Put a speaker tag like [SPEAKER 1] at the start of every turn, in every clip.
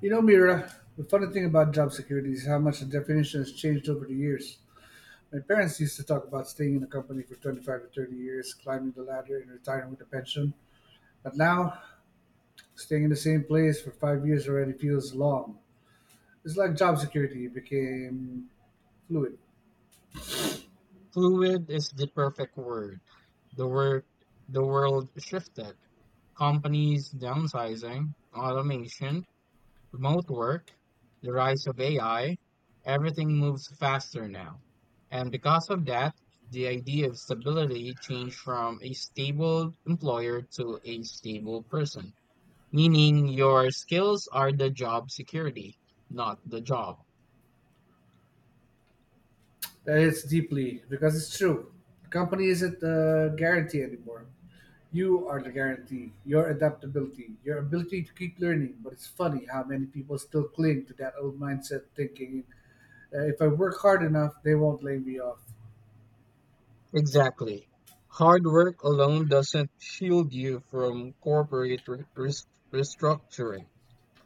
[SPEAKER 1] You know, Mira, the funny thing about job security is how much the definition has changed over the years. My parents used to talk about staying in a company for 25 to 30 years, climbing the ladder, and retiring with a pension. But now, staying in the same place for 5 years already feels long. It's like job security became fluid.
[SPEAKER 2] Fluid is the perfect word. The word the world shifted. Companies downsizing, automation, remote work, the rise of AI, everything moves faster now. And because of that, the idea of stability changed from a stable employer to a stable person, meaning your skills are the job security, not the job.
[SPEAKER 1] That hits deeply because it's true. The company isn't the guarantee anymore. You are the guarantee, your adaptability, your ability to keep learning. But it's funny how many people still cling to that old mindset thinking, if I work hard enough, they won't lay me off,
[SPEAKER 2] Exactly. Hard work alone doesn't shield you from corporate restructuring.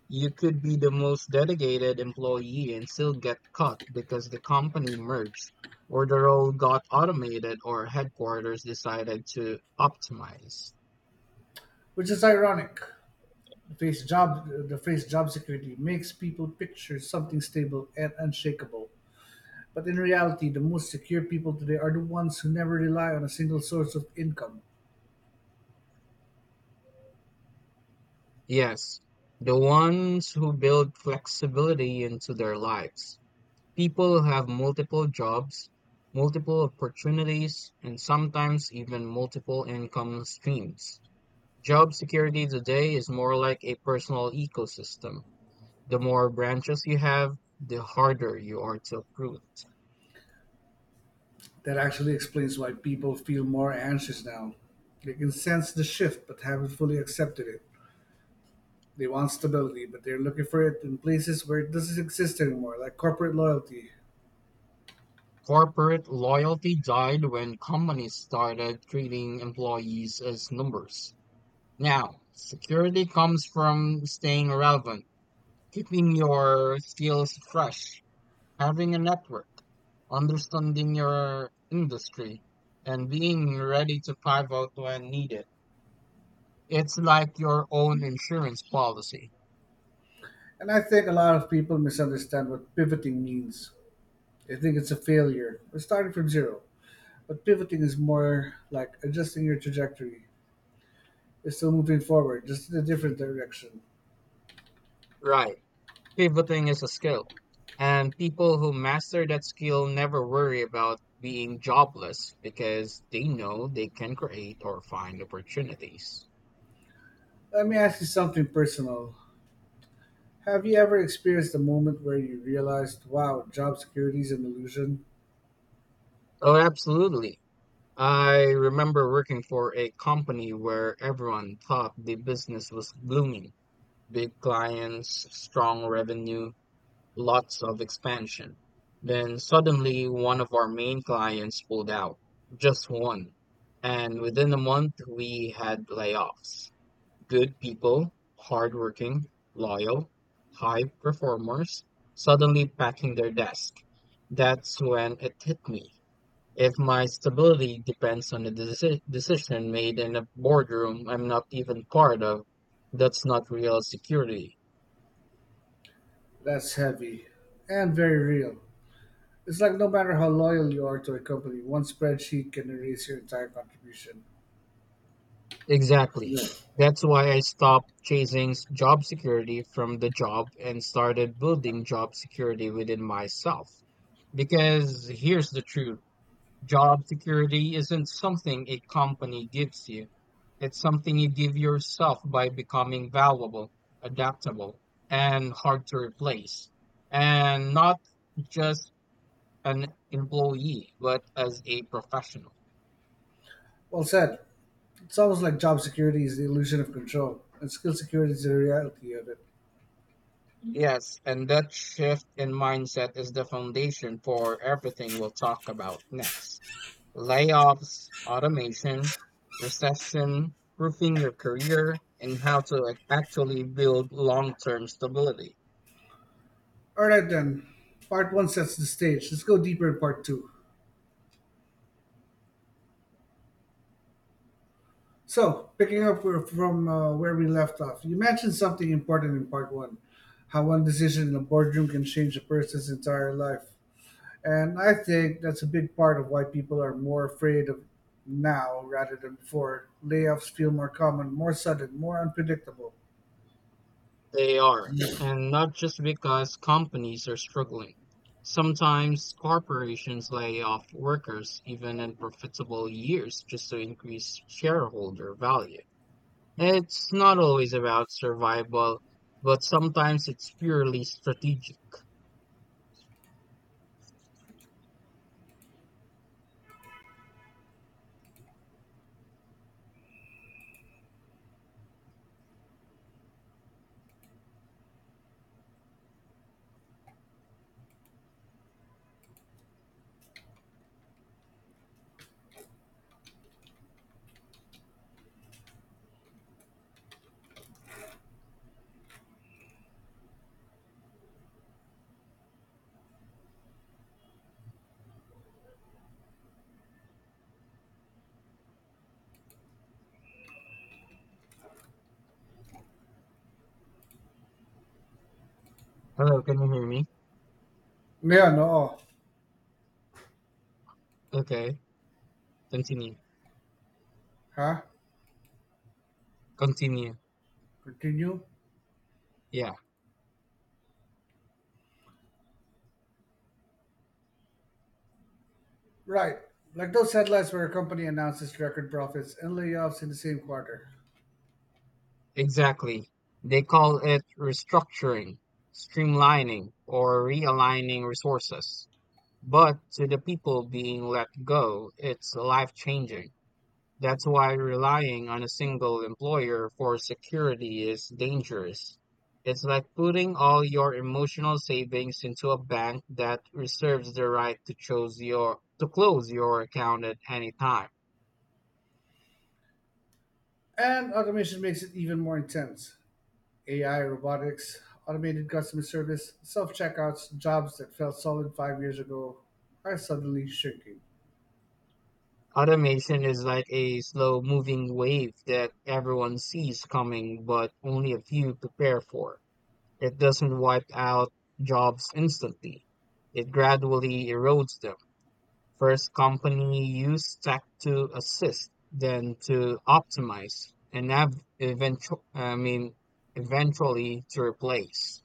[SPEAKER 2] You could be the most dedicated employee and still get cut because the company merged, or the role got automated, or headquarters decided to optimize.
[SPEAKER 1] which is ironic. The phrase job security makes people picture something stable and unshakable. But in reality, the most secure people today are the ones who never rely on a single source of income.
[SPEAKER 2] Yes, the ones who build flexibility into their lives. People have multiple jobs, multiple opportunities, and sometimes even multiple income streams. Job security today is more like a personal ecosystem. The more branches you have, the harder you are to uproot.
[SPEAKER 1] That actually explains why people feel more anxious now. They can sense the shift but haven't fully accepted it. They want stability, but they're looking for it in places where it doesn't exist anymore, like corporate loyalty.
[SPEAKER 2] Corporate loyalty died when companies started treating employees as numbers. Now, security comes from staying relevant, keeping your skills fresh, having a network, understanding your industry, and being ready to pivot when needed. It's like your own insurance policy.
[SPEAKER 1] And I think a lot of people misunderstand what pivoting means. They think it's a failure or starting from zero. But pivoting is more like adjusting your trajectory. You're still moving forward, just in a different direction.
[SPEAKER 2] Right. Pivoting is a skill. And people who master that skill never worry about being jobless because they know they can create or find opportunities.
[SPEAKER 1] Let me ask you something personal. Have you ever experienced a moment where you realized, wow, job security is an illusion?
[SPEAKER 2] Oh, absolutely. I remember working for a company where everyone thought the business was blooming: big clients, strong revenue, lots of expansion. Then suddenly one of our main clients pulled out, just one. And within a month, we had layoffs. Good people, hardworking, loyal, high performers, suddenly packing their desk. That's when it hit me. If my stability depends on a decision made in a boardroom I'm not even part of, that's not real security.
[SPEAKER 1] That's heavy and very real. It's like no matter how loyal you are to a company, one spreadsheet can erase your entire contribution.
[SPEAKER 2] Exactly.
[SPEAKER 1] Yeah.
[SPEAKER 2] That's why I stopped chasing job security from the job and started building job security within myself. Because here's the truth: job security isn't something a company gives you, it's something you give yourself by becoming valuable, adaptable, and hard to replace. And not just an employee, but as a professional.
[SPEAKER 1] Well said. It's almost like job security is the illusion of control, and skill security is the reality of it.
[SPEAKER 2] Yes, and that shift in mindset is the foundation for everything we'll talk about next. Layoffs, automation, recession, roofing your career, and how to actually build long-term stability.
[SPEAKER 1] All right, then. Part one sets the stage. Let's go deeper in part two. So, picking up where- from where we left off, you mentioned something important in part one, how one decision in a boardroom can change a person's entire life. And I think that's a big part of why people are more afraid of now rather than before. Layoffs feel more common, more sudden, more unpredictable.
[SPEAKER 2] They are, and not just because companies are struggling. Sometimes corporations lay off workers even in profitable years just to increase shareholder value. It's not always about survival, but sometimes it's purely strategic. Hello, can you hear me?
[SPEAKER 1] Yeah, no.
[SPEAKER 2] Okay, continue.
[SPEAKER 1] Huh?
[SPEAKER 2] Continue.
[SPEAKER 1] Continue?
[SPEAKER 2] Yeah,
[SPEAKER 1] Right. Like those headlines where a company announces record profits and layoffs in the same quarter.
[SPEAKER 2] exactly. They call it restructuring, streamlining, or realigning resources. But to the people being let go, it's life changing. That's why relying on a single employer for security is dangerous. It's like putting all your emotional savings into a bank that reserves the right to choose your to close your account at any time.
[SPEAKER 1] And automation makes it even more intense. AI, robotics, automated customer service, self checkouts, jobs that felt solid 5 years ago are suddenly shrinking.
[SPEAKER 2] Automation is like a slow moving wave that everyone sees coming but only a few prepare for. It doesn't wipe out jobs instantly. It gradually erodes them. First company use tech to assist, then to optimize, and ev eventu I mean, eventually to replace.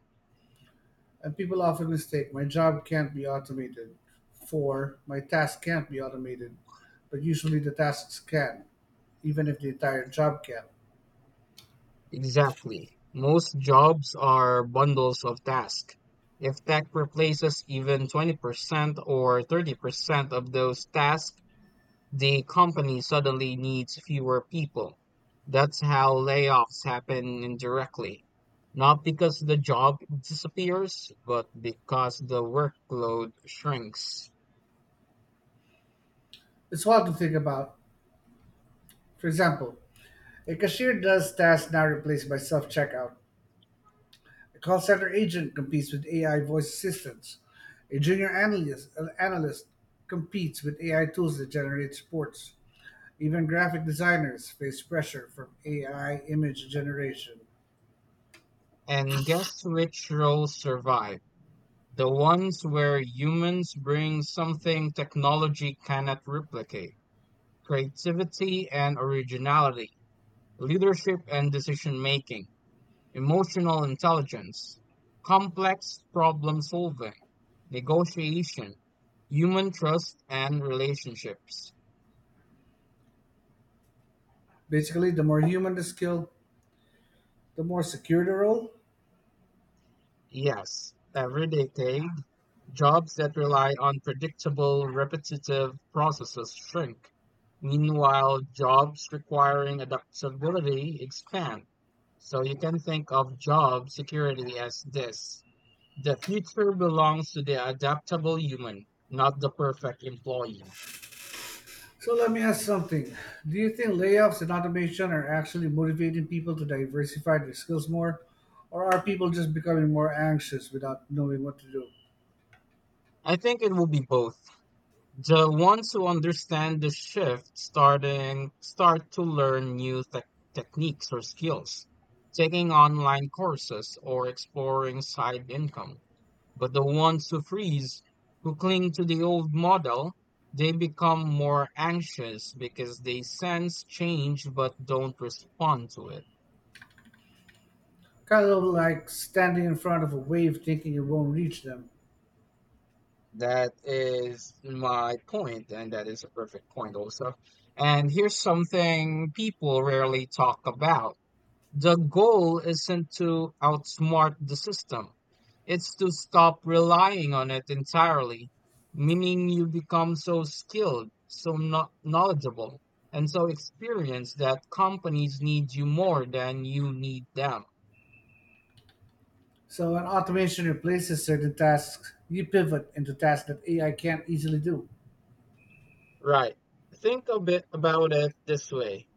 [SPEAKER 1] And people often mistake my job can't be automated for my task can't be automated, but usually the tasks can, even if the entire job can.
[SPEAKER 2] Exactly. Most jobs are bundles of tasks. If tech replaces even 20% or 30% of those tasks, the company suddenly needs fewer people. That's how layoffs happen indirectly. Not because the job disappears, but because the workload shrinks.
[SPEAKER 1] It's wild to think about. For example, a cashier does tasks now replaced by self checkout. A call center agent competes with AI voice assistants. An analyst competes with AI tools that generate reports. Even graphic designers face pressure from AI image generation.
[SPEAKER 2] And guess which roles survive? The ones where humans bring something technology cannot replicate: creativity and originality, leadership and decision making, emotional intelligence, complex problem solving, negotiation, human trust, and relationships.
[SPEAKER 1] Basically, the more human the skill, the more secure the role.
[SPEAKER 2] Yes, everyday take, jobs that rely on predictable, repetitive processes shrink. Meanwhile, jobs requiring adaptability expand. So you can think of job security as this: the future belongs to the adaptable human, not the perfect employee.
[SPEAKER 1] So let me ask something. Do you think layoffs and automation are actually motivating people to diversify their skills more? Or are people just becoming more anxious without knowing what to do?
[SPEAKER 2] I think it will be both. The ones who understand the shift start to learn new techniques or skills, taking online courses or exploring side income. But the ones who freeze, who cling to the old model, they become more anxious because they sense change but don't respond to it.
[SPEAKER 1] Kind of like standing in front of a wave thinking it won't reach them.
[SPEAKER 2] That is my point, and that is a perfect point also. And here's something people rarely talk about: the goal isn't to outsmart the system, it's to stop relying on it entirely, meaning you become so skilled, so knowledgeable, and so experienced that companies need you more than you need them.
[SPEAKER 1] So when automation replaces certain tasks, you pivot into tasks that AI can't easily do.
[SPEAKER 2] Right. Think a bit about it this way.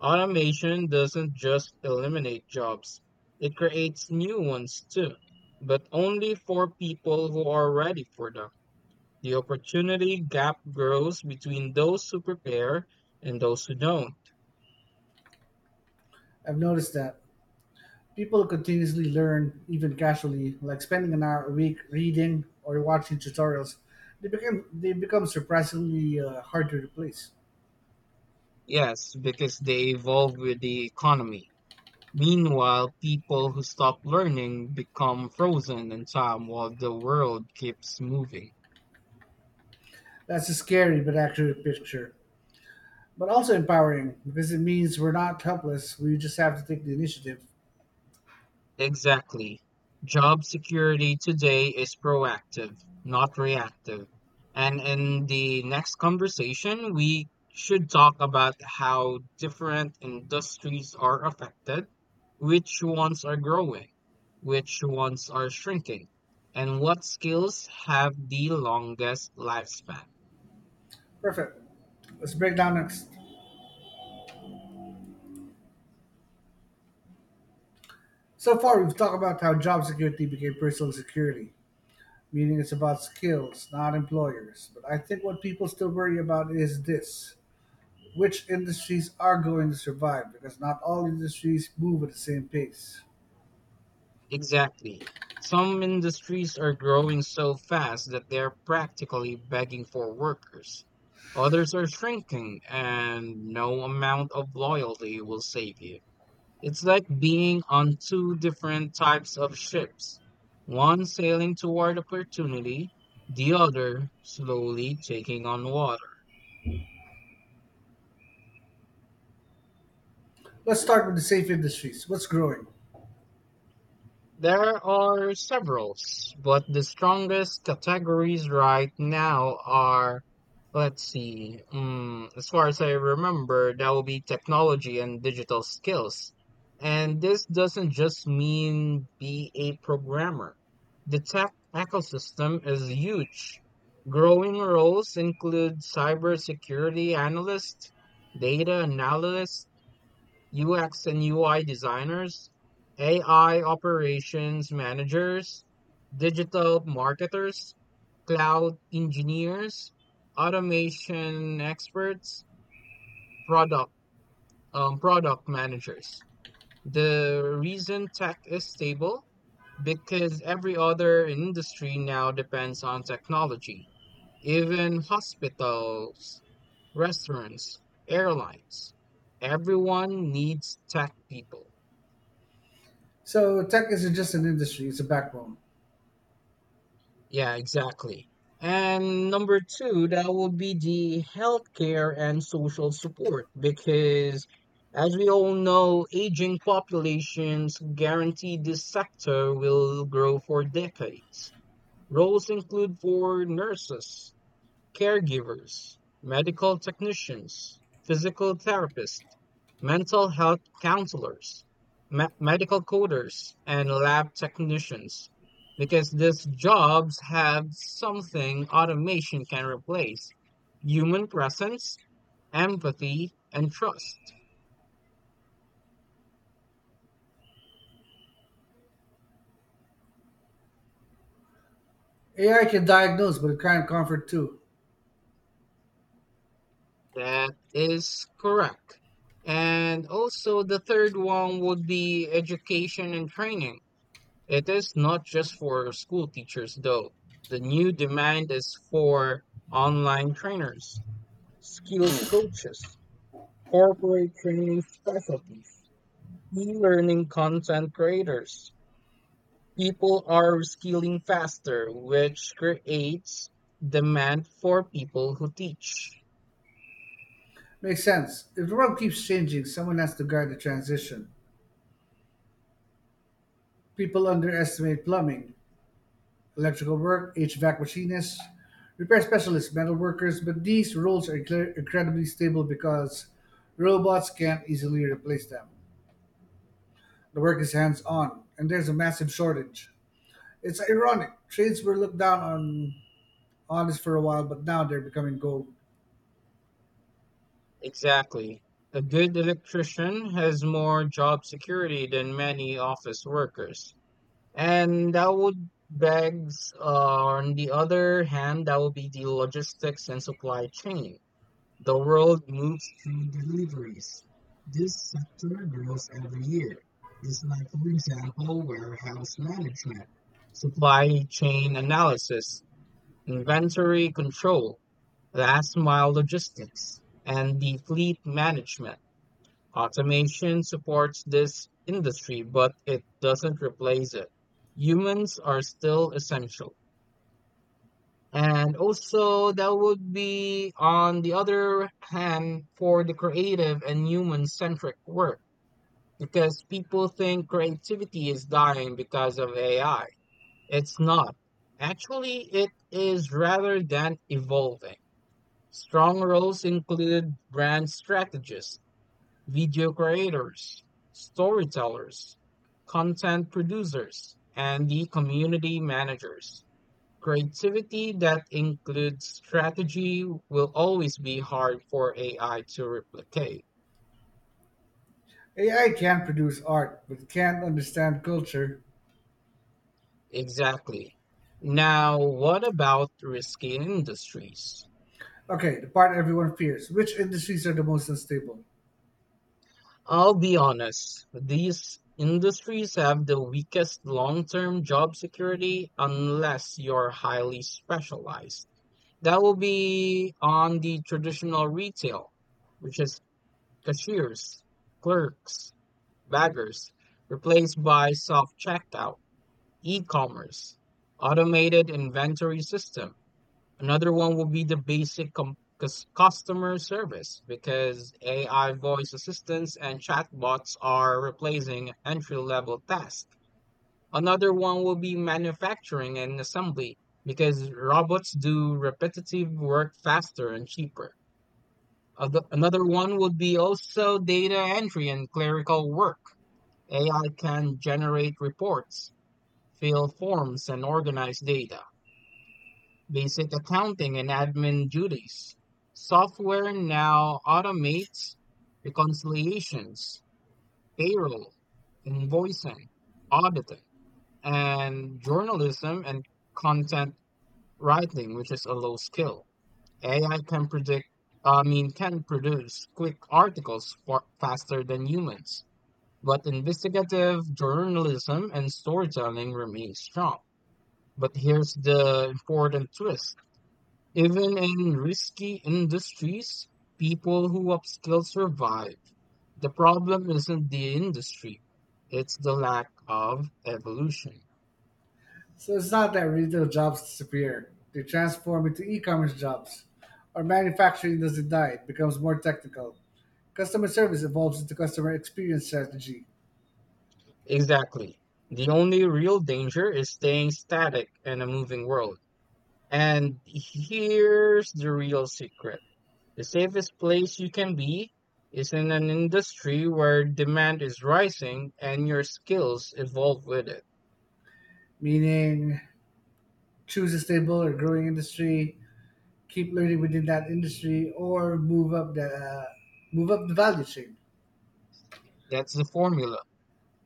[SPEAKER 2] Automation doesn't just eliminate jobs, it creates new ones too, but only for people who are ready for them. The opportunity gap grows between those who prepare and those who don't.
[SPEAKER 1] I've noticed that people continuously learn, even casually, like spending an hour a week reading or watching tutorials. They become surprisingly hard to replace.
[SPEAKER 2] Yes, because they evolve with the economy. Meanwhile, people who stop learning become frozen in time while the world keeps moving.
[SPEAKER 1] That's a scary but accurate picture, but also empowering because it means we're not helpless. We just have to take the initiative.
[SPEAKER 2] Exactly. Job security today is proactive, not reactive. And in the next conversation, we should talk about how different industries are affected, which ones are growing, which ones are shrinking, and what skills have the longest lifespan.
[SPEAKER 1] Perfect. Let's break down next. So far, we've talked about how job security became personal security, meaning it's about skills, not employers. But I think what people still worry about is this: which industries are going to survive, because not all industries move at the same pace.
[SPEAKER 2] Exactly. Some industries are growing so fast that they're practically begging for workers. Others are shrinking, and no amount of loyalty will save you. It's like being on two different types of ships, one sailing toward opportunity, the other slowly taking on water.
[SPEAKER 1] Let's start with the safe industries. What's growing?
[SPEAKER 2] There are several, but the strongest categories right now are, let's see, as far as I remember, that will be technology and digital skills. And this doesn't just mean be a programmer. The tech ecosystem is huge. Growing roles include cybersecurity analyst, data analyst, UX and UI designers, AI operations managers, digital marketers, cloud engineers, automation experts, product product managers. The reason tech is stable because every other industry now depends on technology. Even hospitals, restaurants, airlines, everyone needs tech people.
[SPEAKER 1] So, tech isn't just an industry, it's a backbone.
[SPEAKER 2] Yeah, exactly. And number two, that will be the healthcare and social support because as we all know, aging populations guarantee this sector will grow for decades. Roles include for nurses, caregivers, medical technicians, physical therapists, mental health counselors, medical coders, and lab technicians because these jobs have something automation can replace: human presence, empathy, and trust.
[SPEAKER 1] AI can diagnose, but it can't comfort too.
[SPEAKER 2] That is correct. And also, the third one would be education and training. It is not just for school teachers, though. The new demand is for online trainers, skills coaches, corporate training specialties, e learning content creators. People are skilling faster, which creates demand for people who teach.
[SPEAKER 1] Makes sense. If the world keeps changing, someone has to guide the transition. People underestimate plumbing, electrical work, HVAC machinists, repair specialists, metal workers, but these roles are incredibly stable because robots can't easily replace them. The work is hands on, and there's a massive shortage. It's ironic. Trades were looked down on honest for a while, but now they're becoming gold.
[SPEAKER 2] Exactly. A good electrician has more job security than many office workers. And that would begs, on the other hand, that would be the logistics and supply chain. The world moves through deliveries. This sector grows every year. This, like, for example, warehouse management, supply chain analysis, inventory control, last mile logistics, and the fleet management. Automation supports this industry, but it doesn't replace it. Humans are still essential. And also, that would be, on the other hand, for the creative and human centric work, because people think creativity is dying because of AI. It's not. Actually, it is rather than evolving. Strong roles include brand strategists, video creators, storytellers, content producers, and the community managers. Creativity that includes strategy will always be hard for AI to replicate.
[SPEAKER 1] AI can produce art, but it can't understand culture.
[SPEAKER 2] Exactly. Now, what about risky industries?
[SPEAKER 1] Okay, the part everyone fears. Which industries are the most unstable?
[SPEAKER 2] I'll be honest, these industries have the weakest long term job security unless you're highly specialized. That will be on the traditional retail, which is cashiers, clerks, baggers, replaced by self checkout, e commerce, automated inventory system. Another one will be the basic customer service because AI voice assistants and chatbots are replacing entry level tasks. Another one will be manufacturing and assembly because robots do repetitive work faster and cheaper. Another one would be also data entry and clerical work. AI can generate reports, fill forms, and organize data. Basic accounting and admin duties. Software now automates reconciliations, payroll, invoicing, auditing, and journalism and content writing, which is a low skill. AI can predict, I mean, can produce quick articles faster than humans. But investigative journalism and storytelling remain strong. But here's the important twist: even in risky industries, people who upskill survive. The problem isn't the industry, it's the lack of evolution.
[SPEAKER 1] So it's not that retail jobs disappear. They transform into e-commerce jobs. Our manufacturing doesn't die, it becomes more technical. Customer service evolves into customer experience strategy,
[SPEAKER 2] Exactly. The only real danger is staying static in a moving world. And here's the real secret: the safest place you can be is in an industry where demand is rising and your skills evolve with it.
[SPEAKER 1] meaning choose a stable or growing industry, keep learning within that industry, or move up the value chain.
[SPEAKER 2] That's the formula.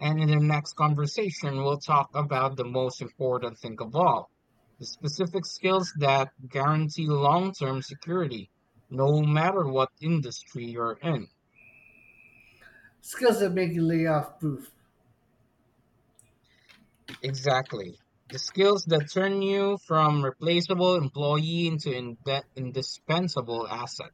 [SPEAKER 2] And in the next conversation, we'll talk about the most important thing of all: the specific skills that guarantee long term security, no matter what industry you're in.
[SPEAKER 1] Skills that make you layoff proof.
[SPEAKER 2] Exactly. The skills that turn you from replaceable employee into indispensable asset.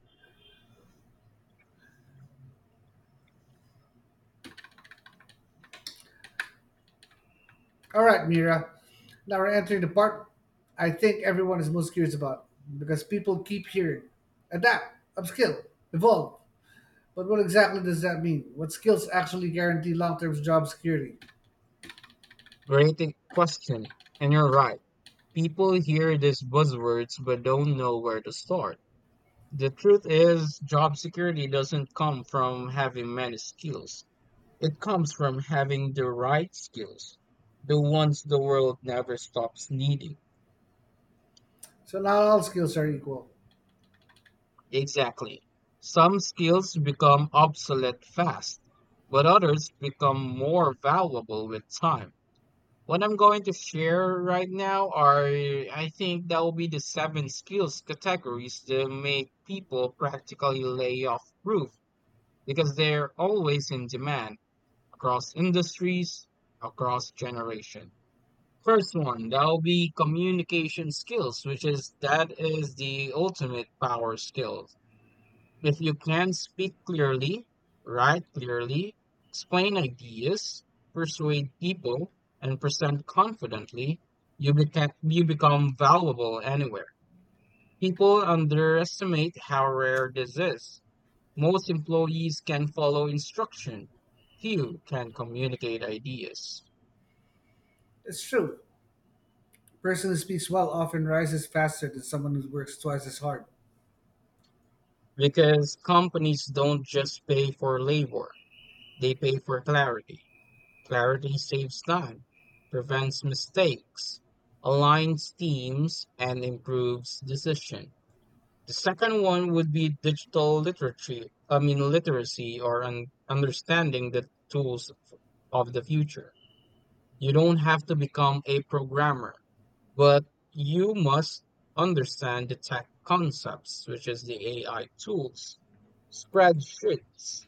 [SPEAKER 1] All right, Mira. Now we're entering the part I think everyone is most curious about, because people keep hearing adapt, upskill, evolve. But what exactly does that mean? What skills actually guarantee long term job security?
[SPEAKER 2] Great question. And you're right. People hear these buzzwords but don't know where to start. The truth is, job security doesn't come from having many skills. It comes from having the right skills, the ones the world never stops needing.
[SPEAKER 1] So not all skills are equal.
[SPEAKER 2] Exactly. Some skills become obsolete fast, but others become more valuable with time. What I'm going to share right now are, I think, that will be the 7 skills categories that make people practically layoff proof because they're always in demand across industries, across generations. First one, that'll be communication skills, which is that is the ultimate power skill. If you can speak clearly, write clearly, explain ideas, persuade people, and present confidently, you become valuable anywhere. People underestimate how rare this is. Most employees can follow instruction. Few can communicate ideas.
[SPEAKER 1] It's true. A person who speaks well often rises faster than someone who works twice as hard.
[SPEAKER 2] Because companies don't just pay for labor, they pay for clarity. Clarity saves time, prevents mistakes, aligns teams, and improves decision. The second one would be digital literacy, understanding the tools of the future. You don't have to become a programmer. But you must understand the tech concepts, which is the AI tools, spreadsheets,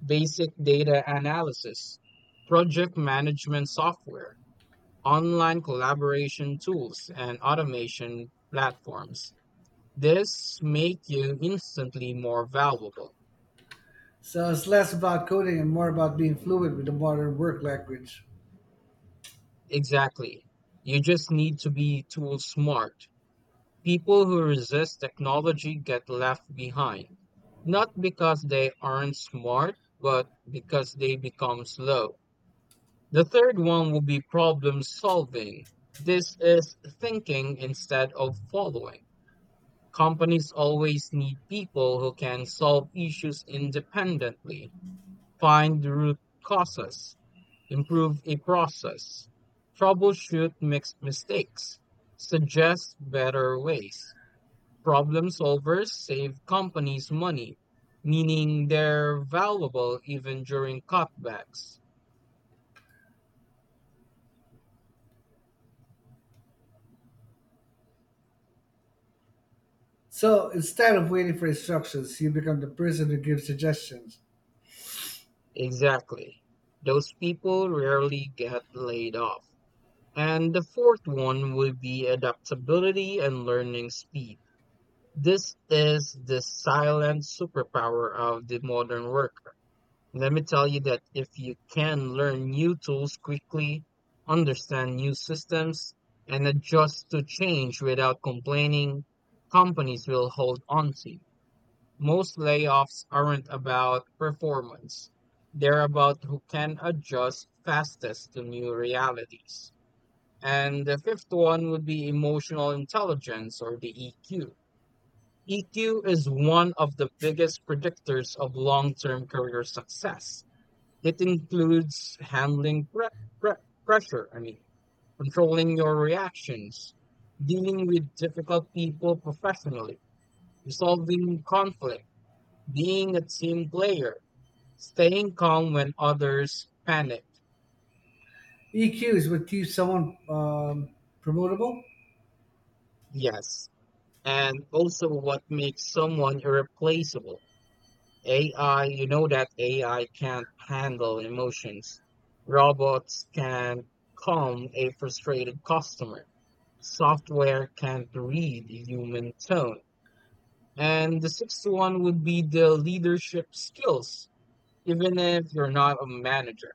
[SPEAKER 2] basic data analysis, project management software, online collaboration tools, and automation platforms. This make you instantly more valuable.
[SPEAKER 1] So it's less about coding and more about being fluent with the modern work language.
[SPEAKER 2] Exactly. You just need to be tool smart. People who resist technology get left behind, not because they aren't smart, but because they become slow. The third one will be problem solving. This is thinking instead of following. Companies always need people who can solve issues independently, find the root causes, improve a process, troubleshoot mixed mistakes, suggest better ways. Problem solvers save companies money, meaning they're valuable even during cutbacks.
[SPEAKER 1] So instead of waiting for instructions, you become the person who gives suggestions.
[SPEAKER 2] Exactly. Those people rarely get laid off. And the fourth one will be adaptability and learning speed. This is the silent superpower of the modern worker. Let me tell you that if you can learn new tools quickly, understand new systems, and adjust to change without complaining, companies will hold on to you. Most layoffs aren't about performance. They're about who can adjust fastest to new realities. And the fifth one would be emotional intelligence, or the EQ. EQ is one of the biggest predictors of long term career success. It includes handling pressure, controlling your reactions, dealing with difficult people professionally, resolving conflict, being a team player, staying calm when others panic.
[SPEAKER 1] EQ is what keeps someone promotable.
[SPEAKER 2] Yes. And also what makes someone irreplaceable. AI, you know that AI can't handle emotions. Robots can calm a frustrated customer. Software can't read human tone. And the sixth one would be the leadership skills. Even if you're not a manager,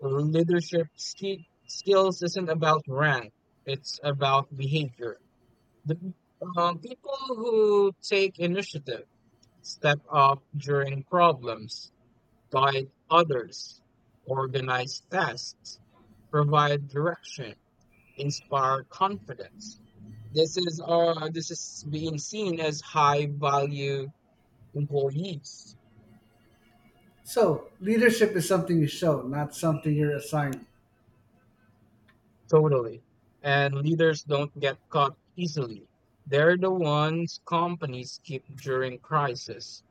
[SPEAKER 2] leadership ski skills isn't about rank. It's about behavior. The People who take initiative, step up during problems, guide others, organize tasks, provide direction, inspire confidence. This is being seen as high value employees.
[SPEAKER 1] So leadership is something you show, not something you're assigned.
[SPEAKER 2] Totally, and leaders don't get caught easily. They're the ones companies keep during crisis.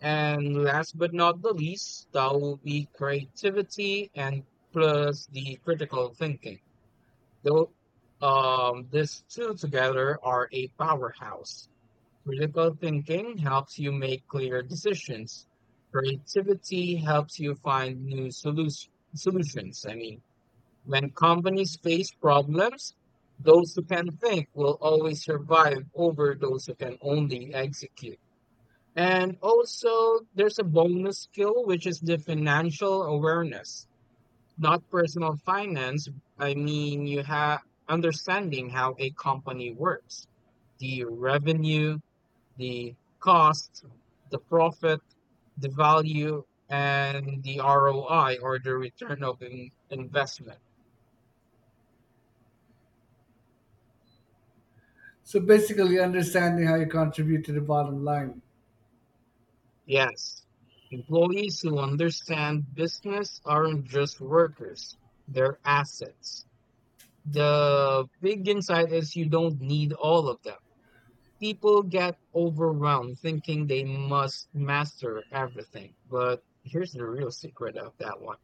[SPEAKER 2] And last but not the least, that will be creativity and plus the critical thinking. Though These two together are a powerhouse. Critical thinking helps you make clear decisions. Creativity helps you find solutions. When companies face problems, those who can think will always survive over those who can only execute. And also, there's a bonus skill, which is the financial awareness. Not personal finance. You have understanding how a company works, the revenue, the cost, the profit, the value, and the ROI, or the return of investment.
[SPEAKER 1] So basically, understanding how you contribute to the bottom line.
[SPEAKER 2] Yes, employees who understand business aren't just workers, they're assets. The big insight is you don't need all of them. People get overwhelmed thinking they must master everything. But here's the real secret of that one.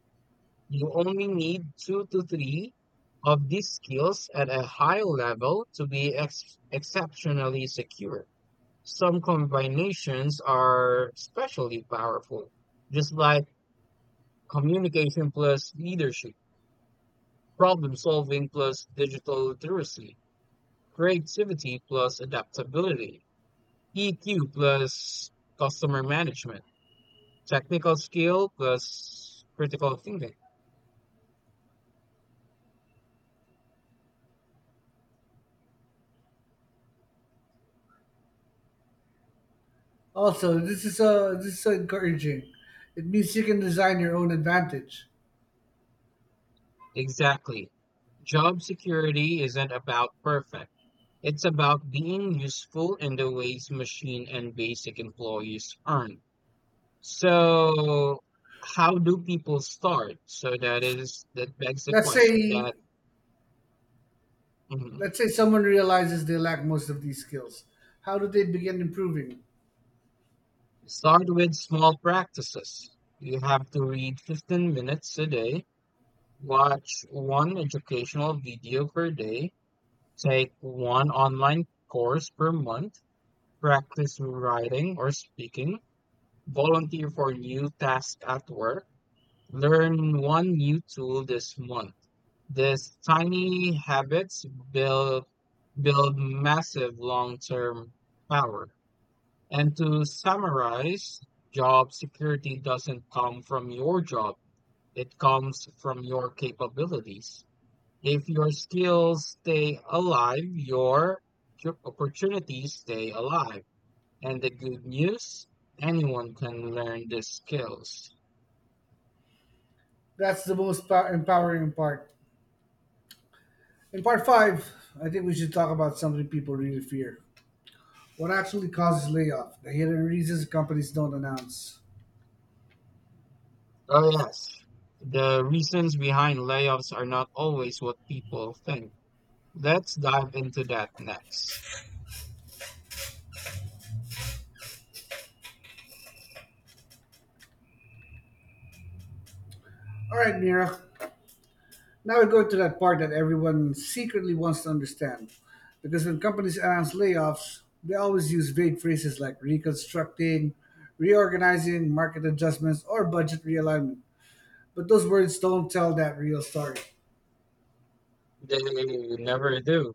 [SPEAKER 2] You only need two to three of these skills at a high level to be exceptionally secure. Some combinations are especially powerful, just like communication plus leadership, problem solving plus digital literacy, creativity plus adaptability, EQ plus customer management, technical skill plus critical thinking.
[SPEAKER 1] Also, this is so encouraging. It means you can design your own advantage.
[SPEAKER 2] Exactly. Job security isn't about perfect. It's about being useful in the ways machine and basic employees aren't. So, how do people start? So that is that begs the
[SPEAKER 1] Let's
[SPEAKER 2] question
[SPEAKER 1] say
[SPEAKER 2] that mhm.
[SPEAKER 1] let's say someone realizes they lack most of these skills. How do they begin improving?
[SPEAKER 2] Start with small practices. You have to read 15 minutes a day. Watch one educational video per day, take one online course per month, practice writing or speaking, volunteer for new tasks at work, learn one new tool this month. These tiny habits build build massive long-term power. And to summarize, job security doesn't come from your job. It comes from your capabilities. If your skills stay alive, your opportunities stay alive. And the good news, anyone can learn the skills.
[SPEAKER 1] That's the most empowering part. In part five, I think we should talk about something people really fear. What actually causes layoff? The hidden reasons companies don't announce.
[SPEAKER 2] Oh, yes. The reasons behind layoffs are not always what people think. Let's dive into that next.
[SPEAKER 1] All right, Mira. Now we're going to that part that everyone secretly wants to understand. Because when companies announce layoffs, they always use vague phrases like reconstructing, reorganizing, market adjustments, or budget realignment. But those words don't tell that real story.
[SPEAKER 2] They never do.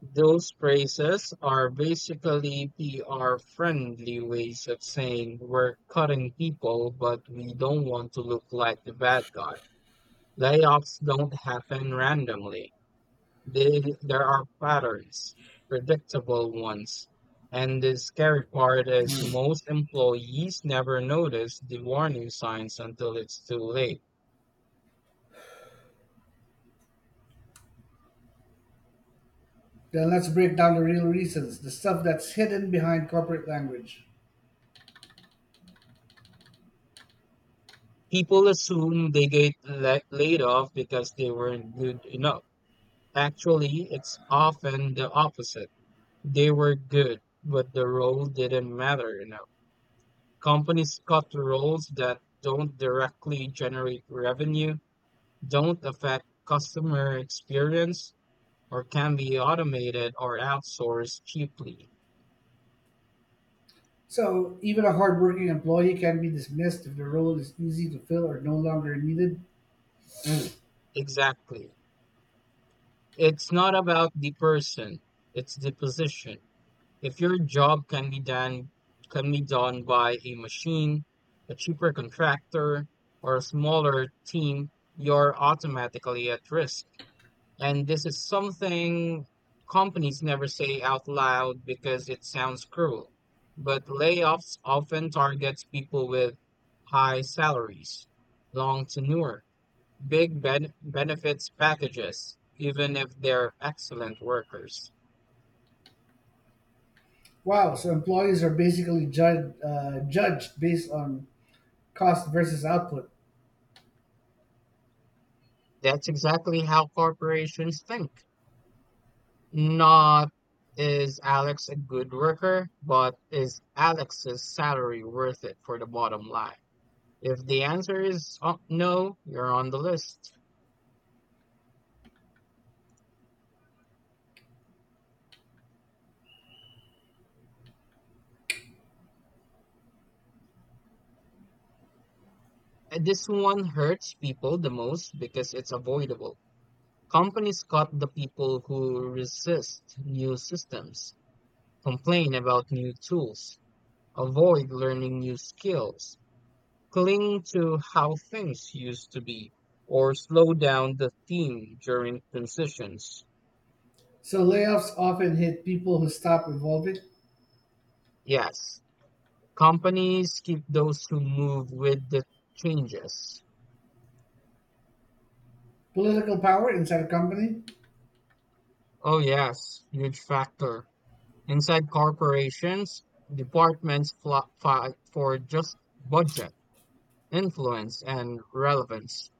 [SPEAKER 2] Those phrases are basically PR friendly ways of saying we're cutting people, but we don't want to look like the bad guy. Layoffs don't happen randomly. There are patterns, predictable ones. And the scary part is most employees never notice the warning signs until it's too late.
[SPEAKER 1] Then let's break down the real reasons, the stuff that's hidden behind corporate language.
[SPEAKER 2] People assume they get laid off because they weren't good enough. Actually, it's often the opposite. They were good, but the role didn't matter enough. Companies cut roles that don't directly generate revenue, don't affect customer experience, or can be automated or outsourced cheaply.
[SPEAKER 1] So, even a hardworking employee can be dismissed if the role is easy to fill or no longer needed. Mm.
[SPEAKER 2] Exactly. It's not about the person, it's the position. If your job can be done by a machine, a cheaper contractor, or a smaller team, you're automatically at risk. And this is something companies never say out loud because it sounds cruel. But layoffs often targets people with high salaries, long tenure, benefits packages, even if they're excellent workers.
[SPEAKER 1] Wow, so employees are basically judged based on cost versus output.
[SPEAKER 2] That's exactly how corporations think. Not is Alex a good worker, but is Alex's salary worth it for the bottom line? If the answer is oh, no, you're on the list. And this one hurts people the most because it's avoidable. Companies cut the people who resist new systems, complain about new tools, avoid learning new skills, cling to how things used to be, or slow down the theme during transitions.
[SPEAKER 1] So layoffs often hit people who stop evolving.
[SPEAKER 2] Yes, companies keep those who move with the changes.
[SPEAKER 1] Political power inside a company.
[SPEAKER 2] Oh, yes, huge factor. Inside corporations, departments fight for just budget, influence, and relevance.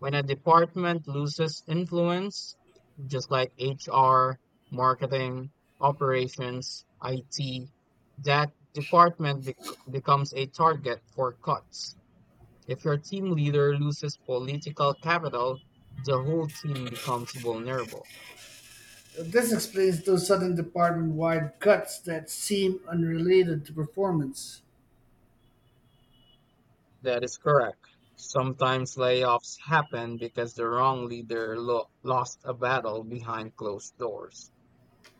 [SPEAKER 2] When a department loses influence, just like HR, marketing, operations, IT, that department becomes a target for cuts. If your team leader loses political capital, the whole team becomes vulnerable.
[SPEAKER 1] This explains those sudden department wide cuts that seem unrelated to performance.
[SPEAKER 2] That is correct. Sometimes layoffs happen because the wrong leader lost a battle behind closed doors.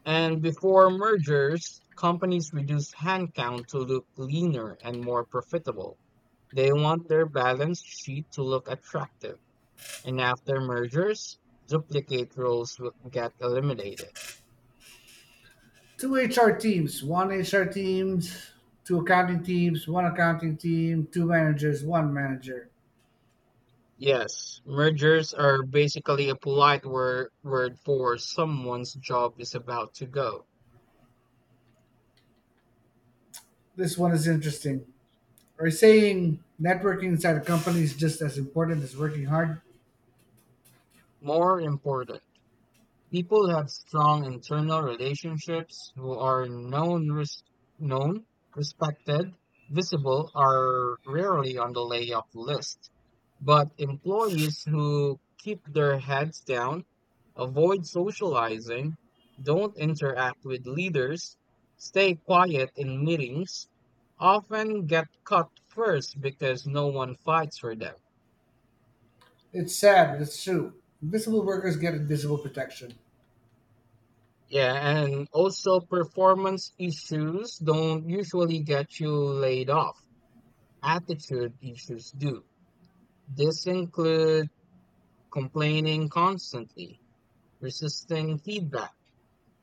[SPEAKER 2] And before mergers, companies reduce handcount to look leaner and more profitable. They want their balance sheet to look attractive. And after mergers, duplicate roles will get eliminated.
[SPEAKER 1] Two HR teams, one HR teams, two accounting teams, one accounting team, two managers, one manager.
[SPEAKER 2] Yes, mergers are basically a polite word for someone's job is about to go.
[SPEAKER 1] This one is interesting. Are you saying networking inside a company is just as important as working hard?
[SPEAKER 2] More important, people have strong internal relationships who are known, respected, visible are rarely on the layoff list. But employees who keep their heads down, avoid socializing, don't interact with leaders, stay quiet in meetings, often get cut first because no one fights for them.
[SPEAKER 1] It's sad, but it's true. Invisible workers get invisible protection.
[SPEAKER 2] Yeah, and also performance issues don't usually get you laid off. Attitude issues do. This include complaining constantly, resisting feedback,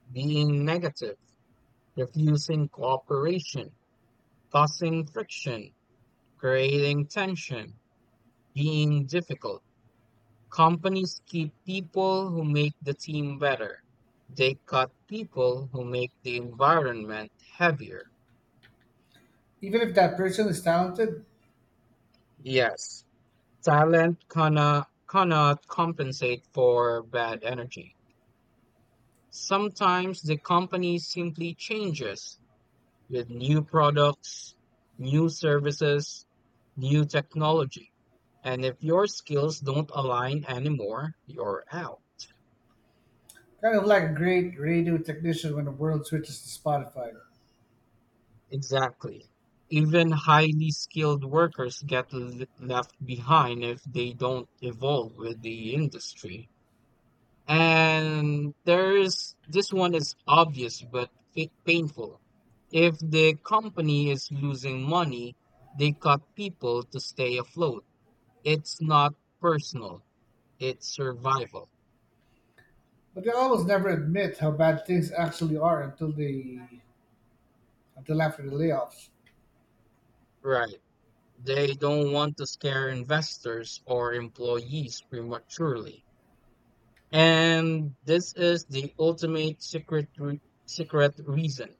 [SPEAKER 2] being negative, refusing cooperation, causing friction, creating tension, being difficult. Companies keep people who make the team better. They cut people who make the environment heavier.
[SPEAKER 1] Even if that person is talented.
[SPEAKER 2] Yes. Talent cannot compensate for bad energy. Sometimes the company simply changes with new products, new services, new technology. And if your skills don't align anymore, you're out.
[SPEAKER 1] Kind of like a great radio technician when the world switches to Spotify.
[SPEAKER 2] Exactly. Even highly skilled workers get left behind if they don't evolve with the industry. And there's this one is obvious but painful. If the company is losing money, they cut people to stay afloat. It's not personal, it's survival.
[SPEAKER 1] But they almost never admit how bad things actually are until after the layoffs.
[SPEAKER 2] Right. They don't want to scare investors or employees prematurely. And this is the ultimate secret reason.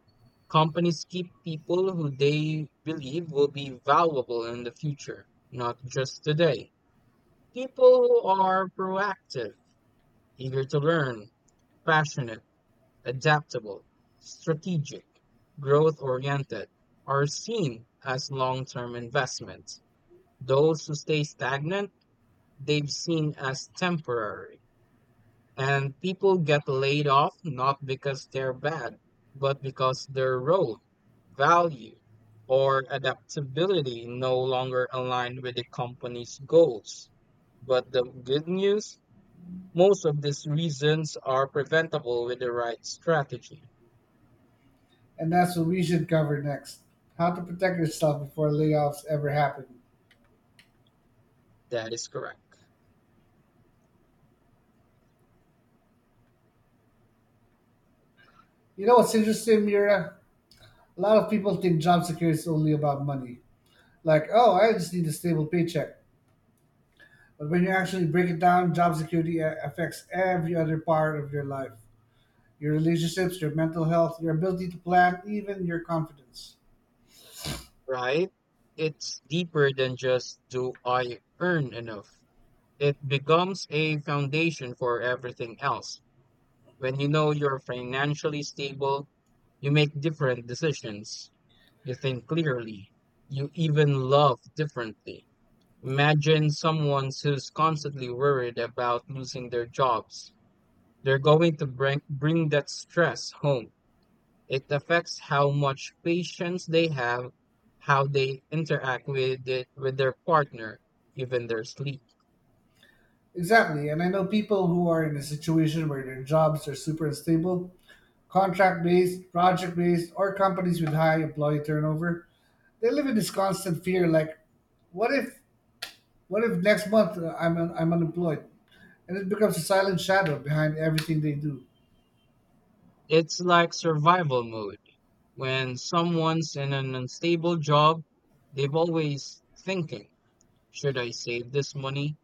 [SPEAKER 2] Companies keep people who they believe will be valuable in the future, not just today. People who are proactive, eager to learn, passionate, adaptable, strategic, growth oriented, are seen as long term investments. Those who stay stagnant, they've seen as temporary. And people get laid off not because they're bad, but because their role, value, or adaptability no longer align with the company's goals. But the good news, most of these reasons are preventable with the right strategy.
[SPEAKER 1] And that's what we should cover next. How to protect yourself before layoffs ever happen.
[SPEAKER 2] That is correct,
[SPEAKER 1] You know what's interesting, Mira? A lot of people think job security is only about money. Like, oh, I just need a stable paycheck. But when you actually break it down, job security affects every other part of your life. Your relationships, your mental health, your ability to plan, even your confidence.
[SPEAKER 2] right? It's deeper than just do I earn enough? It becomes a foundation for everything else. When you know you're financially stable, you make different decisions. You think clearly. You even love differently. Imagine someone who's constantly worried about losing their jobs. They're going to bring that stress home. It affects how much patience they have, how they interact with their partner, even their sleep.
[SPEAKER 1] Exactly. And I know people who are in a situation where their jobs are super unstable, contract based, project based, or companies with high employee turnover. They live in this constant fear like, what if, what if next month I'm unemployed. And it becomes a silent shadow behind everything they do.
[SPEAKER 2] It's like survival mode. When someone's in an unstable job, they've always thinking, should I save this money?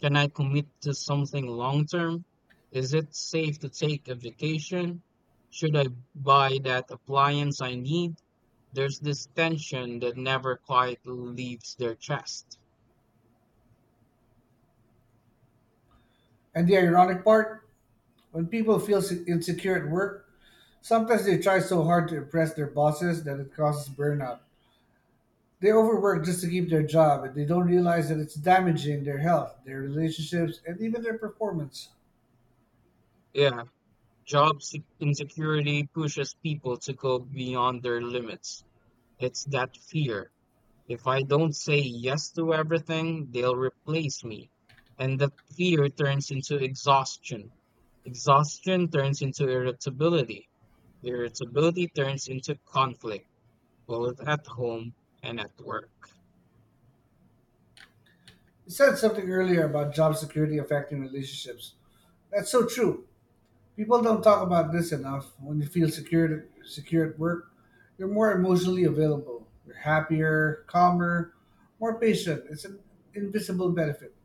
[SPEAKER 2] Can I commit to something long term? Is it safe to take a vacation? Should I buy that appliance I need? There's this tension that never quietly leaves their chest.
[SPEAKER 1] And the ironic part, when people feel insecure at work, sometimes they try so hard to impress their bosses that it causes burnout. They overwork just to keep their job, and they don't realize that it's damaging their health, their relationships, and even their performance.
[SPEAKER 2] Yeah, insecurity pushes people to go beyond their limits. It's that fear. If I don't say yes to everything, they'll replace me. And the fear turns into exhaustion. Exhaustion turns into irritability. Irritability turns into conflict, both at home and at work.
[SPEAKER 1] You said something earlier about job security affecting relationships. That's so true. People don't talk about this enough. When you feel secure at work, you're more emotionally available. You're happier, calmer, more patient. It's an invisible benefit.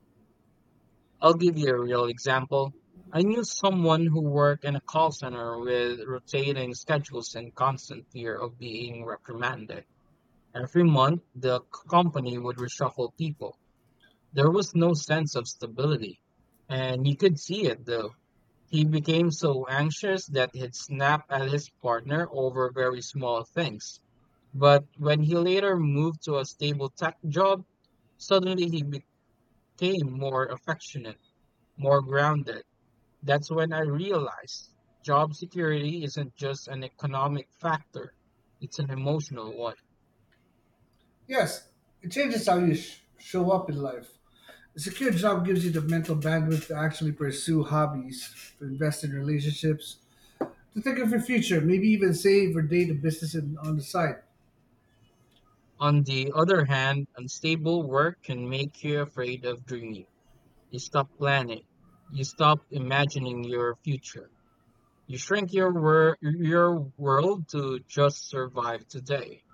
[SPEAKER 2] I'll give you a real example. I knew someone who worked in a call center with rotating schedules and constant fear of being reprimanded. Every month, the company would reshuffle people. There was no sense of stability, and you could see it though. He became so anxious that he'd snap at his partner over very small things. But when he later moved to a stable tech job, suddenly he became more affectionate, more grounded. That's when I realized job security isn't just an economic factor, it's an emotional one.
[SPEAKER 1] Yes, it changes how you show up in life. A secure job gives you the mental bandwidth to actually pursue hobbies, to invest in relationships, to think of your future, maybe even save or date a business on the side.
[SPEAKER 2] On the other hand, unstable work can make you afraid of dreaming. You stop planning. You stop imagining your future. You shrink your your world to just survive today.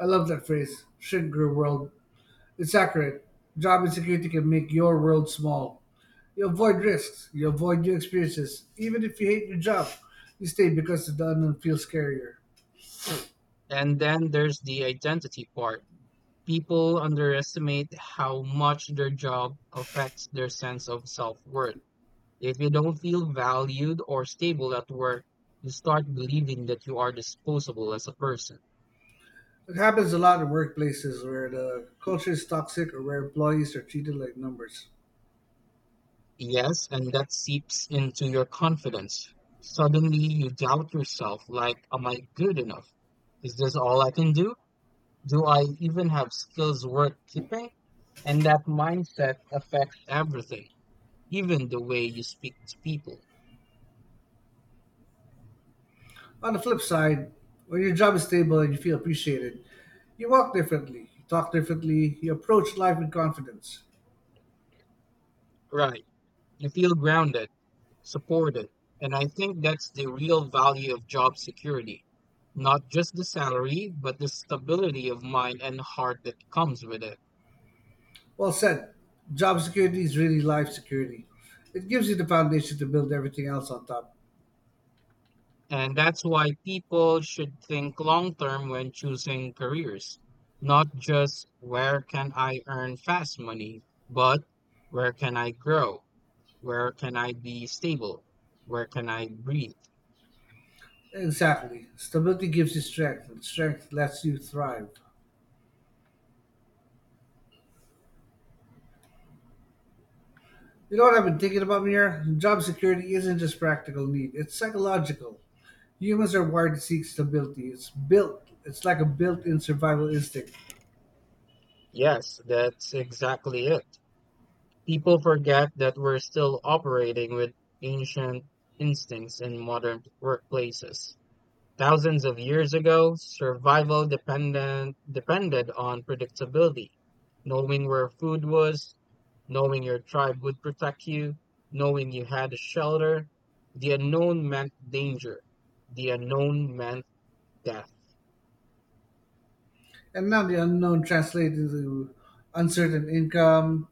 [SPEAKER 1] I love that phrase, "shrink your world." It's accurate. Job insecurity can make your world small. You avoid risks, you avoid new experiences. Even if you hate your job, you stay because the unknown feels scarier.
[SPEAKER 2] And then there's the identity part. People underestimate how much their job affects their sense of self-worth. If you don't feel valued or stable at work, you start believing that you are disposable as a person.
[SPEAKER 1] It happens a lot in workplaces where the culture is toxic or where employees are treated like numbers.
[SPEAKER 2] Yes, and that seeps into your confidence. Suddenly you doubt yourself, like, am I good enough? Is this all I can do? Do I even have skills worth keeping? And that mindset affects everything, even the way you speak to people.
[SPEAKER 1] On the flip side, when your job is stable and you feel appreciated, you walk differently, you talk differently, you approach life with confidence.
[SPEAKER 2] Right. You feel grounded, supported, and I think that's the real value of job security. Not just the salary, but the stability of mind and heart that comes with it.
[SPEAKER 1] Well said. Job security is really life security. It gives you the foundation to build everything else on top.
[SPEAKER 2] And that's why people should think long term when choosing careers, not just where can I earn fast money, but where can I grow? Where can I be stable? Where can I breathe?
[SPEAKER 1] Exactly. Stability gives you strength, and strength lets you thrive. You know what I've been thinking about, Mir? Job security isn't just practical need, it's psychological. Humans are wired to seek stability. It's like a built in survival instinct.
[SPEAKER 2] Yes, that's exactly it. People forget that we're still operating with ancient instincts in modern workplaces. Thousands of years ago, survival dependent, depended on predictability. Knowing where food was, knowing your tribe would protect you, knowing you had a shelter. The unknown meant danger. The unknown meant death.
[SPEAKER 1] And now the unknown translates into uncertain income,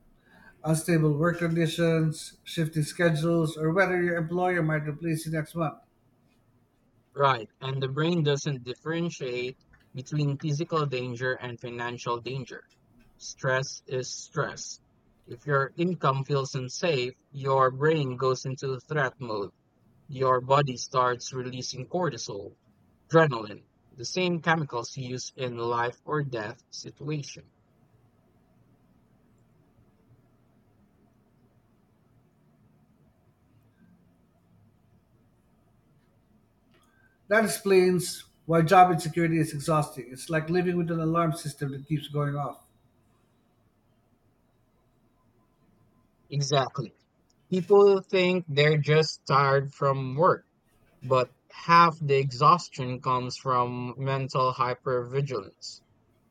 [SPEAKER 1] unstable work conditions, shifting schedules, or whether your employer might replace you next month.
[SPEAKER 2] Right. And the brain doesn't differentiate between physical danger and financial danger. Stress is stress. If your income feels unsafe, your brain goes into threat mode. Your body starts releasing cortisol, adrenaline, the same chemicals used in life or death situation.
[SPEAKER 1] That explains why job insecurity is exhausting. It's like living with an alarm system that keeps going off.
[SPEAKER 2] Exactly. People think they're just tired from work, but half the exhaustion comes from mental hypervigilance,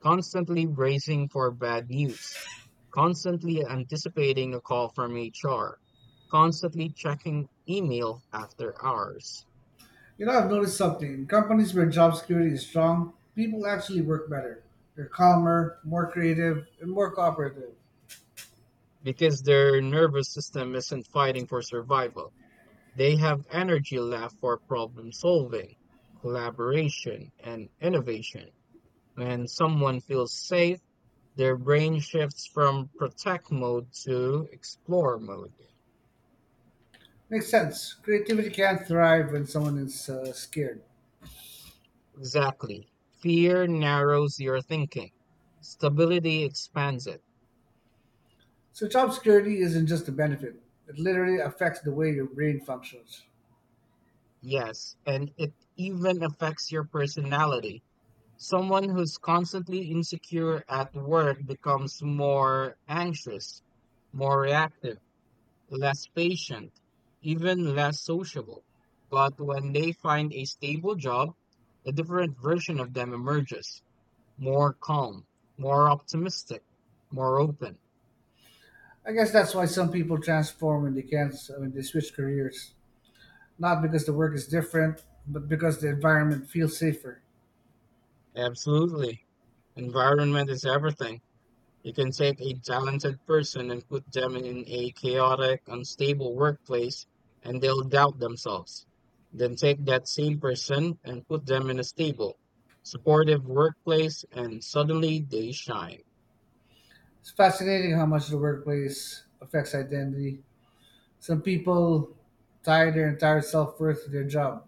[SPEAKER 2] constantly bracing for bad news, constantly anticipating a call from HR, constantly checking email after hours.
[SPEAKER 1] You know, I've noticed something. In companies where job security is strong, people actually work better. They're calmer, more creative, and more cooperative.
[SPEAKER 2] Because their nervous system isn't fighting for survival. They have energy left for problem solving, collaboration, and innovation. When someone feels safe, their brain shifts from protect mode to explore mode.
[SPEAKER 1] Makes sense. Creativity can't thrive when someone is scared.
[SPEAKER 2] Exactly. Fear narrows your thinking. Stability expands it.
[SPEAKER 1] So job security isn't just a benefit. It literally affects the way your brain functions.
[SPEAKER 2] Yes, and it even affects your personality. Someone who's constantly insecure at work becomes more anxious, more reactive, less patient, even less sociable. But when they find a stable job, a different version of them emerges, more calm, more optimistic, more open.
[SPEAKER 1] I guess that's why some people transform when they switch careers. Not because the work is different, but because the environment feels safer.
[SPEAKER 2] Absolutely. Environment is everything. You can take a talented person and put them in a chaotic, unstable workplace, and they'll doubt themselves. Then take that same person and put them in a stable, supportive workplace, and suddenly they shine.
[SPEAKER 1] It's fascinating how much the workplace affects identity. Some people tie their entire self worth to their job.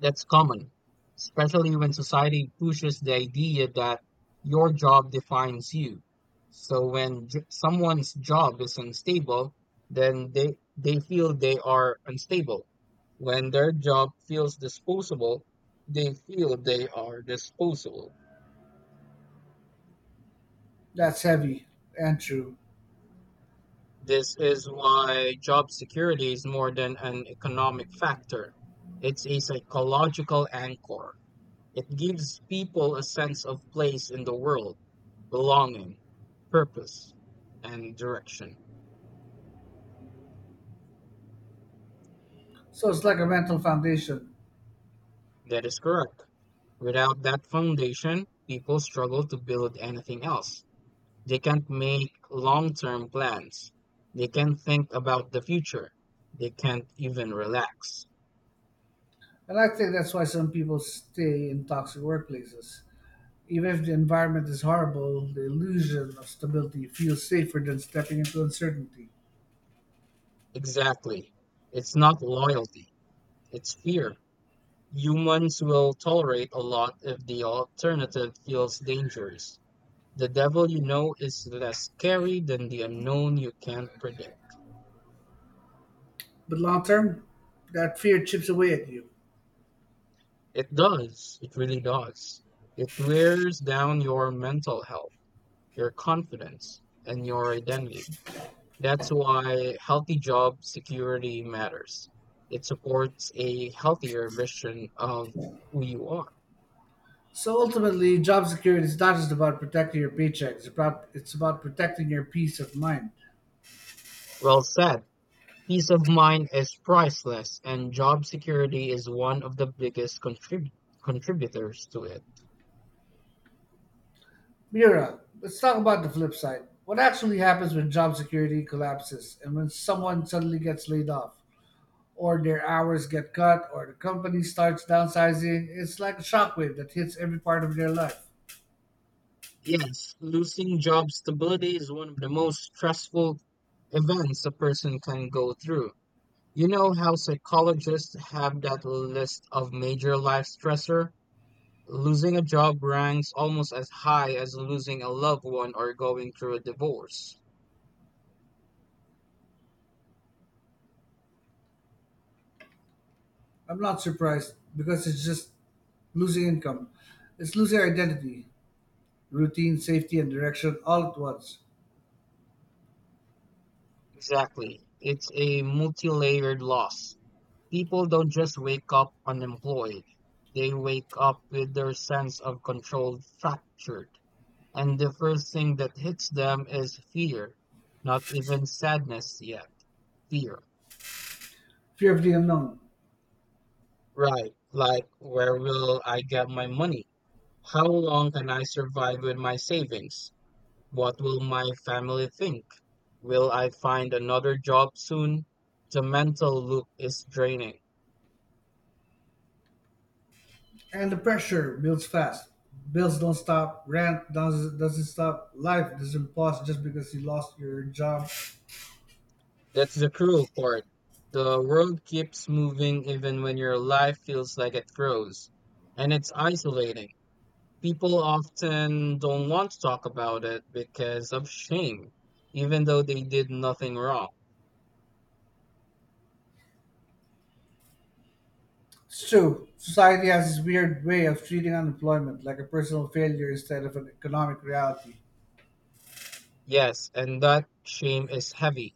[SPEAKER 2] That's common, especially when society pushes the idea that your job defines you. So when someone's job is unstable, then they feel they are unstable. When their job feels disposable, they feel they are disposable.
[SPEAKER 1] That's heavy and true.
[SPEAKER 2] This is why job security is more than an economic factor. It's a psychological anchor. It gives people a sense of place in the world, belonging, purpose, and direction.
[SPEAKER 1] So it's like a mental foundation.
[SPEAKER 2] That is correct. Without that foundation, people struggle to build anything else. They can't make long term plans. They can't think about the future. They can't even relax.
[SPEAKER 1] And I think that's why some people stay in toxic workplaces. Even if the environment is horrible, the illusion of stability feels safer than stepping into uncertainty.
[SPEAKER 2] Exactly. It's not loyalty, it's fear. Humans will tolerate a lot if the alternative feels dangerous. The devil you know is less scary than the unknown you can't predict.
[SPEAKER 1] But long term, that fear chips away at you.
[SPEAKER 2] It does. It really does. It wears down your mental health, your confidence, and your identity. That's why healthy job security matters. It supports a healthier vision of who you are.
[SPEAKER 1] So ultimately, job security is not just about protecting your paycheck, it's about protecting your peace of mind.
[SPEAKER 2] Well said. Peace of mind is priceless, and job security is one of the biggest contributors to it.
[SPEAKER 1] Mira, let's talk about the flip side. What actually happens when job security collapses and when someone suddenly gets laid off, or their hours get cut, or the company starts downsizing? It's like a shockwave that hits every part of their life.
[SPEAKER 2] Yes, losing job stability is one of the most stressful events a person can go through. You know how psychologists have that list of major life stressor? Losing a job ranks almost as high as losing a loved one or going through a divorce.
[SPEAKER 1] I'm not surprised because it's just losing income. It's losing identity, routine, safety, and direction all at once.
[SPEAKER 2] Exactly. It's a multi-layered loss. People don't just wake up unemployed. They wake up with their sense of control fractured. And the first thing that hits them is fear, not even sadness yet, fear.
[SPEAKER 1] Fear of the unknown.
[SPEAKER 2] Right, like where will I get my money? How long can I survive with my savings? What will my family think? Will I find another job soon? The mental loop is draining.
[SPEAKER 1] And the pressure builds fast. Bills don't stop, rent doesn't stop, life doesn't pause just because you lost your job.
[SPEAKER 2] That's the cruel part. The world keeps moving even when your life feels like it grows, and it's isolating. People often don't want to talk about it because of shame, even though they did nothing wrong.
[SPEAKER 1] It's true, society has this weird way of treating unemployment like a personal failure instead of an economic reality.
[SPEAKER 2] Yes, and that shame is heavy.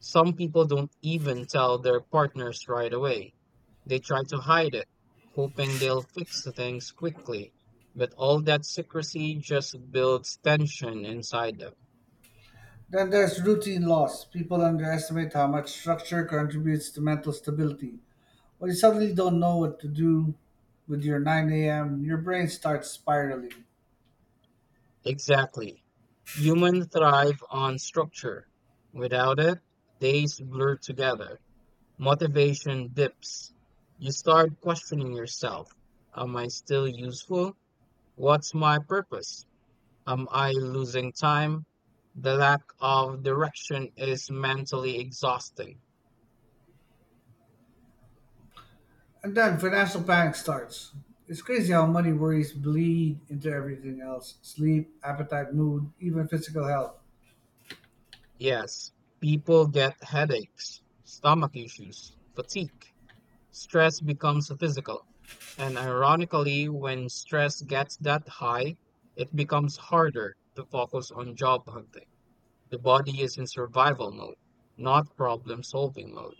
[SPEAKER 2] Some people don't even tell their partners right away. They try to hide it, hoping they'll fix things quickly. But all that secrecy just builds tension inside them.
[SPEAKER 1] Then there's routine loss. People underestimate how much structure contributes to mental stability. When you suddenly don't know what to do with your 9 a.m., your brain starts spiraling.
[SPEAKER 2] Exactly. Humans thrive on structure. Without it, days blur together. Motivation dips. You start questioning yourself. Am I still useful? What's my purpose? Am I losing time? The lack of direction is mentally exhausting.
[SPEAKER 1] And then financial panic starts. It's crazy how money worries bleed into everything else sleep, appetite, mood, even physical health.
[SPEAKER 2] Yes, people get headaches, stomach issues, fatigue. Stress becomes physical. And ironically, when stress gets that high, it becomes harder to focus on job hunting. The body is in survival mode, not problem solving mode.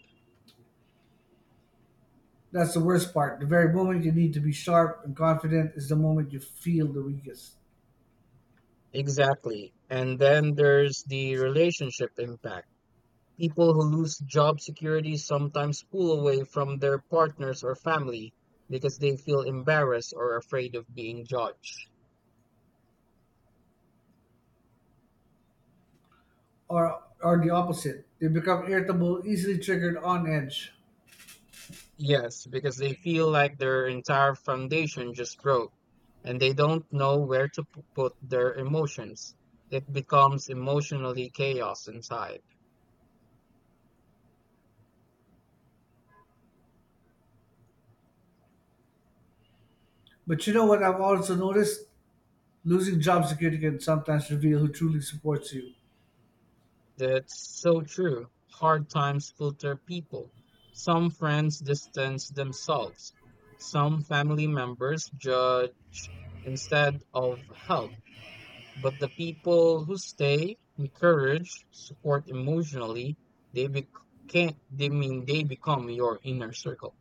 [SPEAKER 1] That's the worst part. The very moment you need to be sharp and confident is the moment you feel the weakest.
[SPEAKER 2] Exactly. And then there's the relationship impact. People who lose job security sometimes pull away from their partners or family because they feel embarrassed or afraid of being judged.
[SPEAKER 1] Or the opposite. They become irritable, easily triggered, on edge.
[SPEAKER 2] Yes, because they feel like their entire foundation just broke and they don't know where to put their emotions. It becomes emotionally chaos inside.
[SPEAKER 1] But you know what I've also noticed? Losing job security can sometimes reveal who truly supports you.
[SPEAKER 2] That's so true. Hard times filter people. Some friends distance themselves. Some family members judge instead of help. But the people who stay, encourage, support emotionally, they bec- can't. They mean they become your inner circle.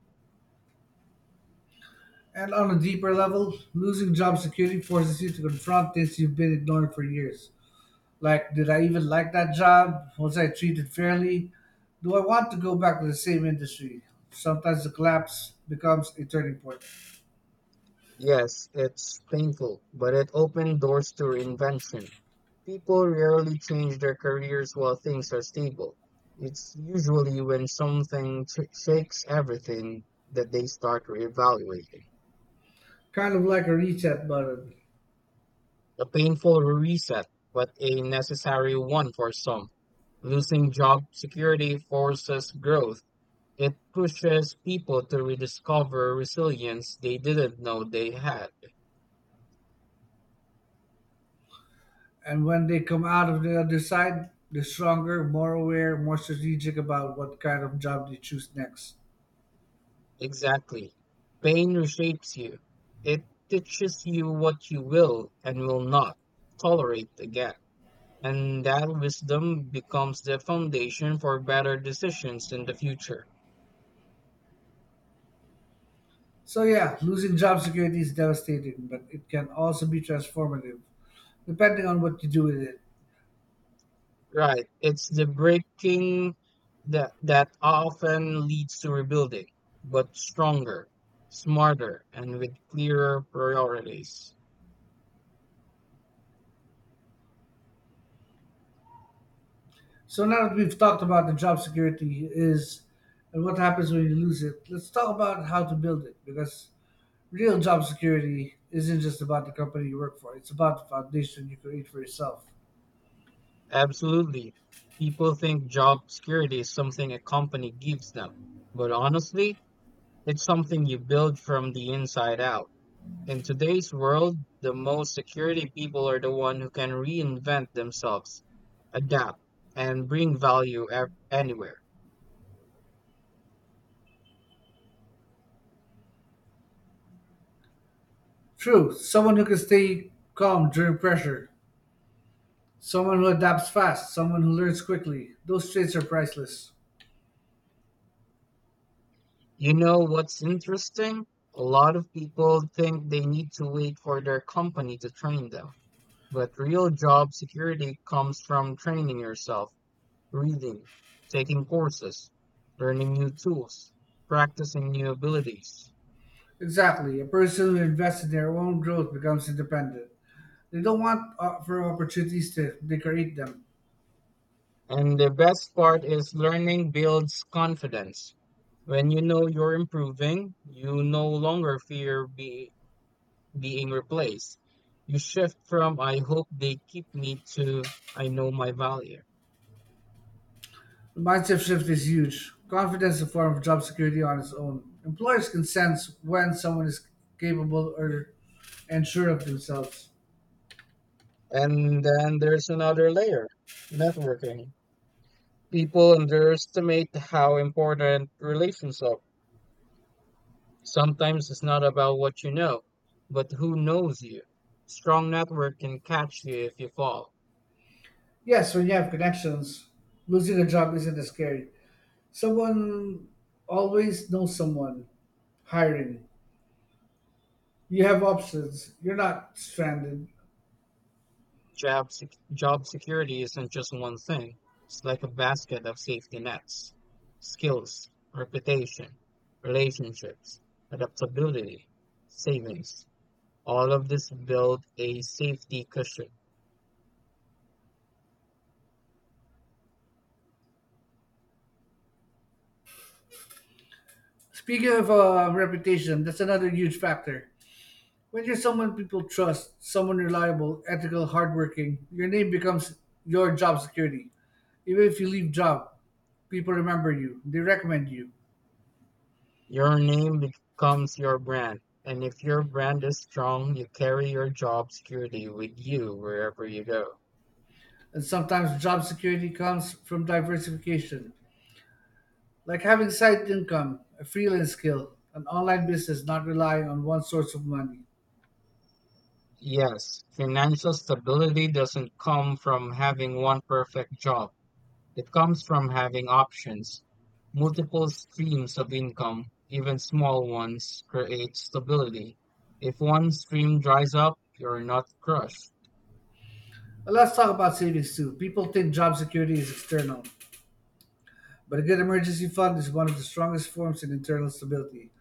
[SPEAKER 1] And on a deeper level, losing job security forces you to confront this you've been ignoring for years. Like, did I even like that job? Was I treated fairly? Do I want to go back to the same industry? Sometimes the collapse becomes a turning point,
[SPEAKER 2] Yes, it's painful, but it opened doors to reinvention. People rarely change their careers while things are stable. It's usually when something shakes everything that they start reevaluating.
[SPEAKER 1] kind of like a reset button.
[SPEAKER 2] A painful reset, but a necessary one for some. Losing job security forces growth. It pushes people to rediscover resilience they didn't know they had.
[SPEAKER 1] And when they come out of the other side, they're stronger, more aware, more strategic about what kind of job they choose next.
[SPEAKER 2] Exactly. Pain reshapes you. It teaches you what you will and will not tolerate again. And that wisdom becomes the foundation for better decisions in the future.
[SPEAKER 1] So, yeah, losing job security is devastating, but it can also be transformative, depending on what you do with it.
[SPEAKER 2] Right. It's the breaking that often leads to rebuilding, but stronger, smarter, and with clearer priorities.
[SPEAKER 1] So now that we've talked about the job security is and what happens when you lose it, let's talk about how to build it because real job security isn't just about the company you work for, it's about the foundation you create for yourself.
[SPEAKER 2] Absolutely. People think job security is something a company gives them. But honestly, it's something you build from the inside out. In today's world, the most security people are the one who can reinvent themselves, adapt, and bring value anywhere.
[SPEAKER 1] True, someone who can stay calm during pressure, someone who adapts fast, someone who learns quickly. Those traits are priceless.
[SPEAKER 2] You know what's interesting? A lot of people think they need to wait for their company to train them, but real job security comes from training yourself, reading, taking courses, learning new tools, practicing new abilities.
[SPEAKER 1] Exactly, a person who invests in their own growth becomes independent. They don't want for opportunities to they create them.
[SPEAKER 2] And the best part is learning builds confidence. When you know you're improving, you no longer fear being replaced. You shift from I hope they keep me to I know my value.
[SPEAKER 1] The mindset shift is huge. Confidence is a form of job security on its own. Employers can sense when someone is capable or and sure of themselves.
[SPEAKER 2] And then there's another layer, networking. People underestimate how important relations are. Sometimes it's not about what you know, but who knows you. Strong network can catch you if you fall.
[SPEAKER 1] Yes, when you have connections, losing a job isn't as scary. Someone always knows someone hiring. You have options. You're not stranded.
[SPEAKER 2] Job security isn't just one thing, it's like a basket of safety nets, skills, reputation, relationships, adaptability, savings. All of this build a safety cushion.
[SPEAKER 1] Speaking of reputation, that's another huge factor. When you're someone people trust, someone reliable, ethical, hardworking, your name becomes your job security. Even if you leave job, people remember you, they recommend you.
[SPEAKER 2] Your name becomes your brand, and if your brand is strong, you carry your job security with you wherever you go.
[SPEAKER 1] And sometimes job security comes from diversification, like having side income, a freelance skill, an online business not relying on one source of money.
[SPEAKER 2] Yes, financial stability doesn't come from having one perfect job. It comes from having options. Multiple streams of income, even small ones, create stability. If one stream dries up, you're not crushed.
[SPEAKER 1] But let's talk about savings too. People think job security is external, but a good emergency fund is one of the strongest forms of internal stability.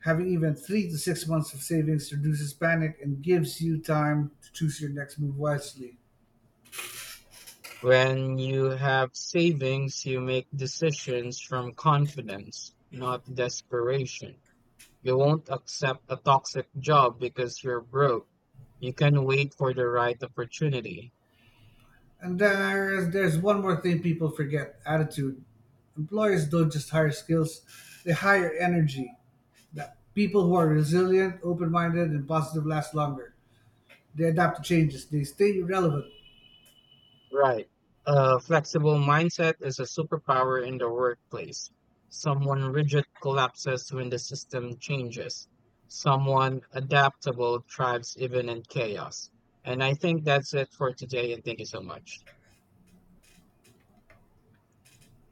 [SPEAKER 1] Having even 3 to 6 months of savings reduces panic and gives you time to choose your next move wisely.
[SPEAKER 2] When you have savings, you make decisions from confidence, not desperation. You won't accept a toxic job because you're broke. You can wait for the right opportunity.
[SPEAKER 1] And there's one more thing people forget: attitude. Employers don't just hire skills; they hire energy. That people who are resilient, open-minded, and positive last longer. They adapt to changes. They stay relevant.
[SPEAKER 2] Right. A flexible mindset is a superpower in the workplace. Someone rigid collapses when the system changes. Someone adaptable thrives even in chaos. And I think that's it for today. And thank you so much.